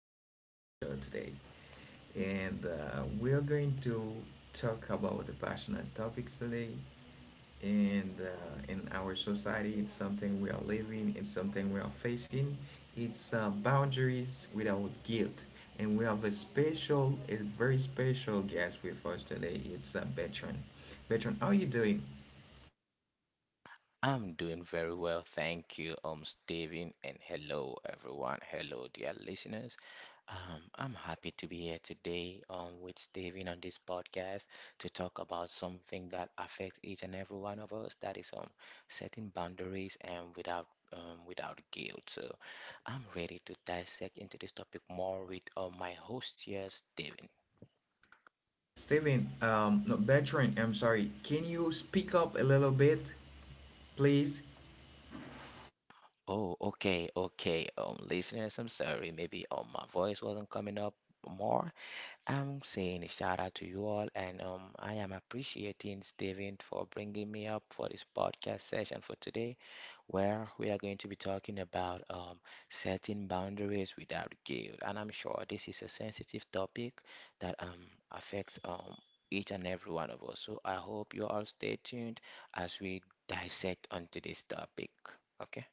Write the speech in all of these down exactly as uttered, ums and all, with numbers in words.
again to our show today. And uh, we're going to talk about the passionate topics today. And uh, in our society, it's something we are living, it's something we are facing. It's uh, boundaries without guilt. And we have a special, a very special guest with us today. It's uh, Bertrand. Bertrand, how are you doing? I'm doing very well, thank you, um, Steven, and hello everyone. Hello, dear listeners. Um, I'm happy to be here today, um, with Steven on this podcast to talk about something that affects each and every one of us, that is, um, setting boundaries and without, um, without guilt. So, I'm ready to dissect into this topic more with, um, my host here, Steven. Steven, um, no, Bertrand, I'm sorry. Can you speak up a little bit, please? Oh, okay, okay. Um, listeners, I'm sorry. Maybe um, my voice wasn't coming up more. I'm saying a shout out to you all, and um, I am appreciating Steven for bringing me up for this podcast session for today, where we are going to be talking about um, setting boundaries without guilt. And I'm sure this is a sensitive topic that um, affects um, each and every one of us. So I hope you all stay tuned as we dissect onto this topic. Okay.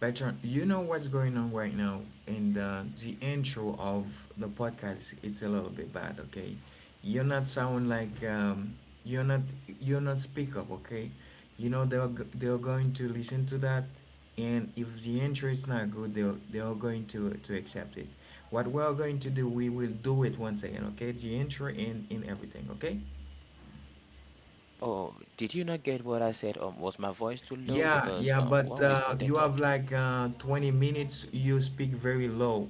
Bertrand, you know what's going on right now in the, the intro of the podcast. It's a little bit bad, okay? You're not sound like um, you're not you're not speak up, okay? You know they're they're going to listen to that, and if the intro is not good, they're they're going to to accept it. What we're going to do, we will do it once again, okay? The intro and in everything, okay? Oh, did you not get what I said? Um, was my voice too low? Yeah, Because yeah, um, but when we uh, you started have talking. like uh, twenty minutes. You speak very low.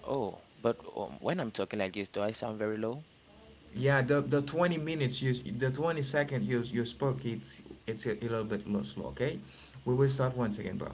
Oh, but um, when I'm talking like this, do I sound very low? Yeah, the, the twenty minutes, you, s- the twenty second you you spoke. It's it's a, a little bit low, slow. Okay, we will start once again, bro.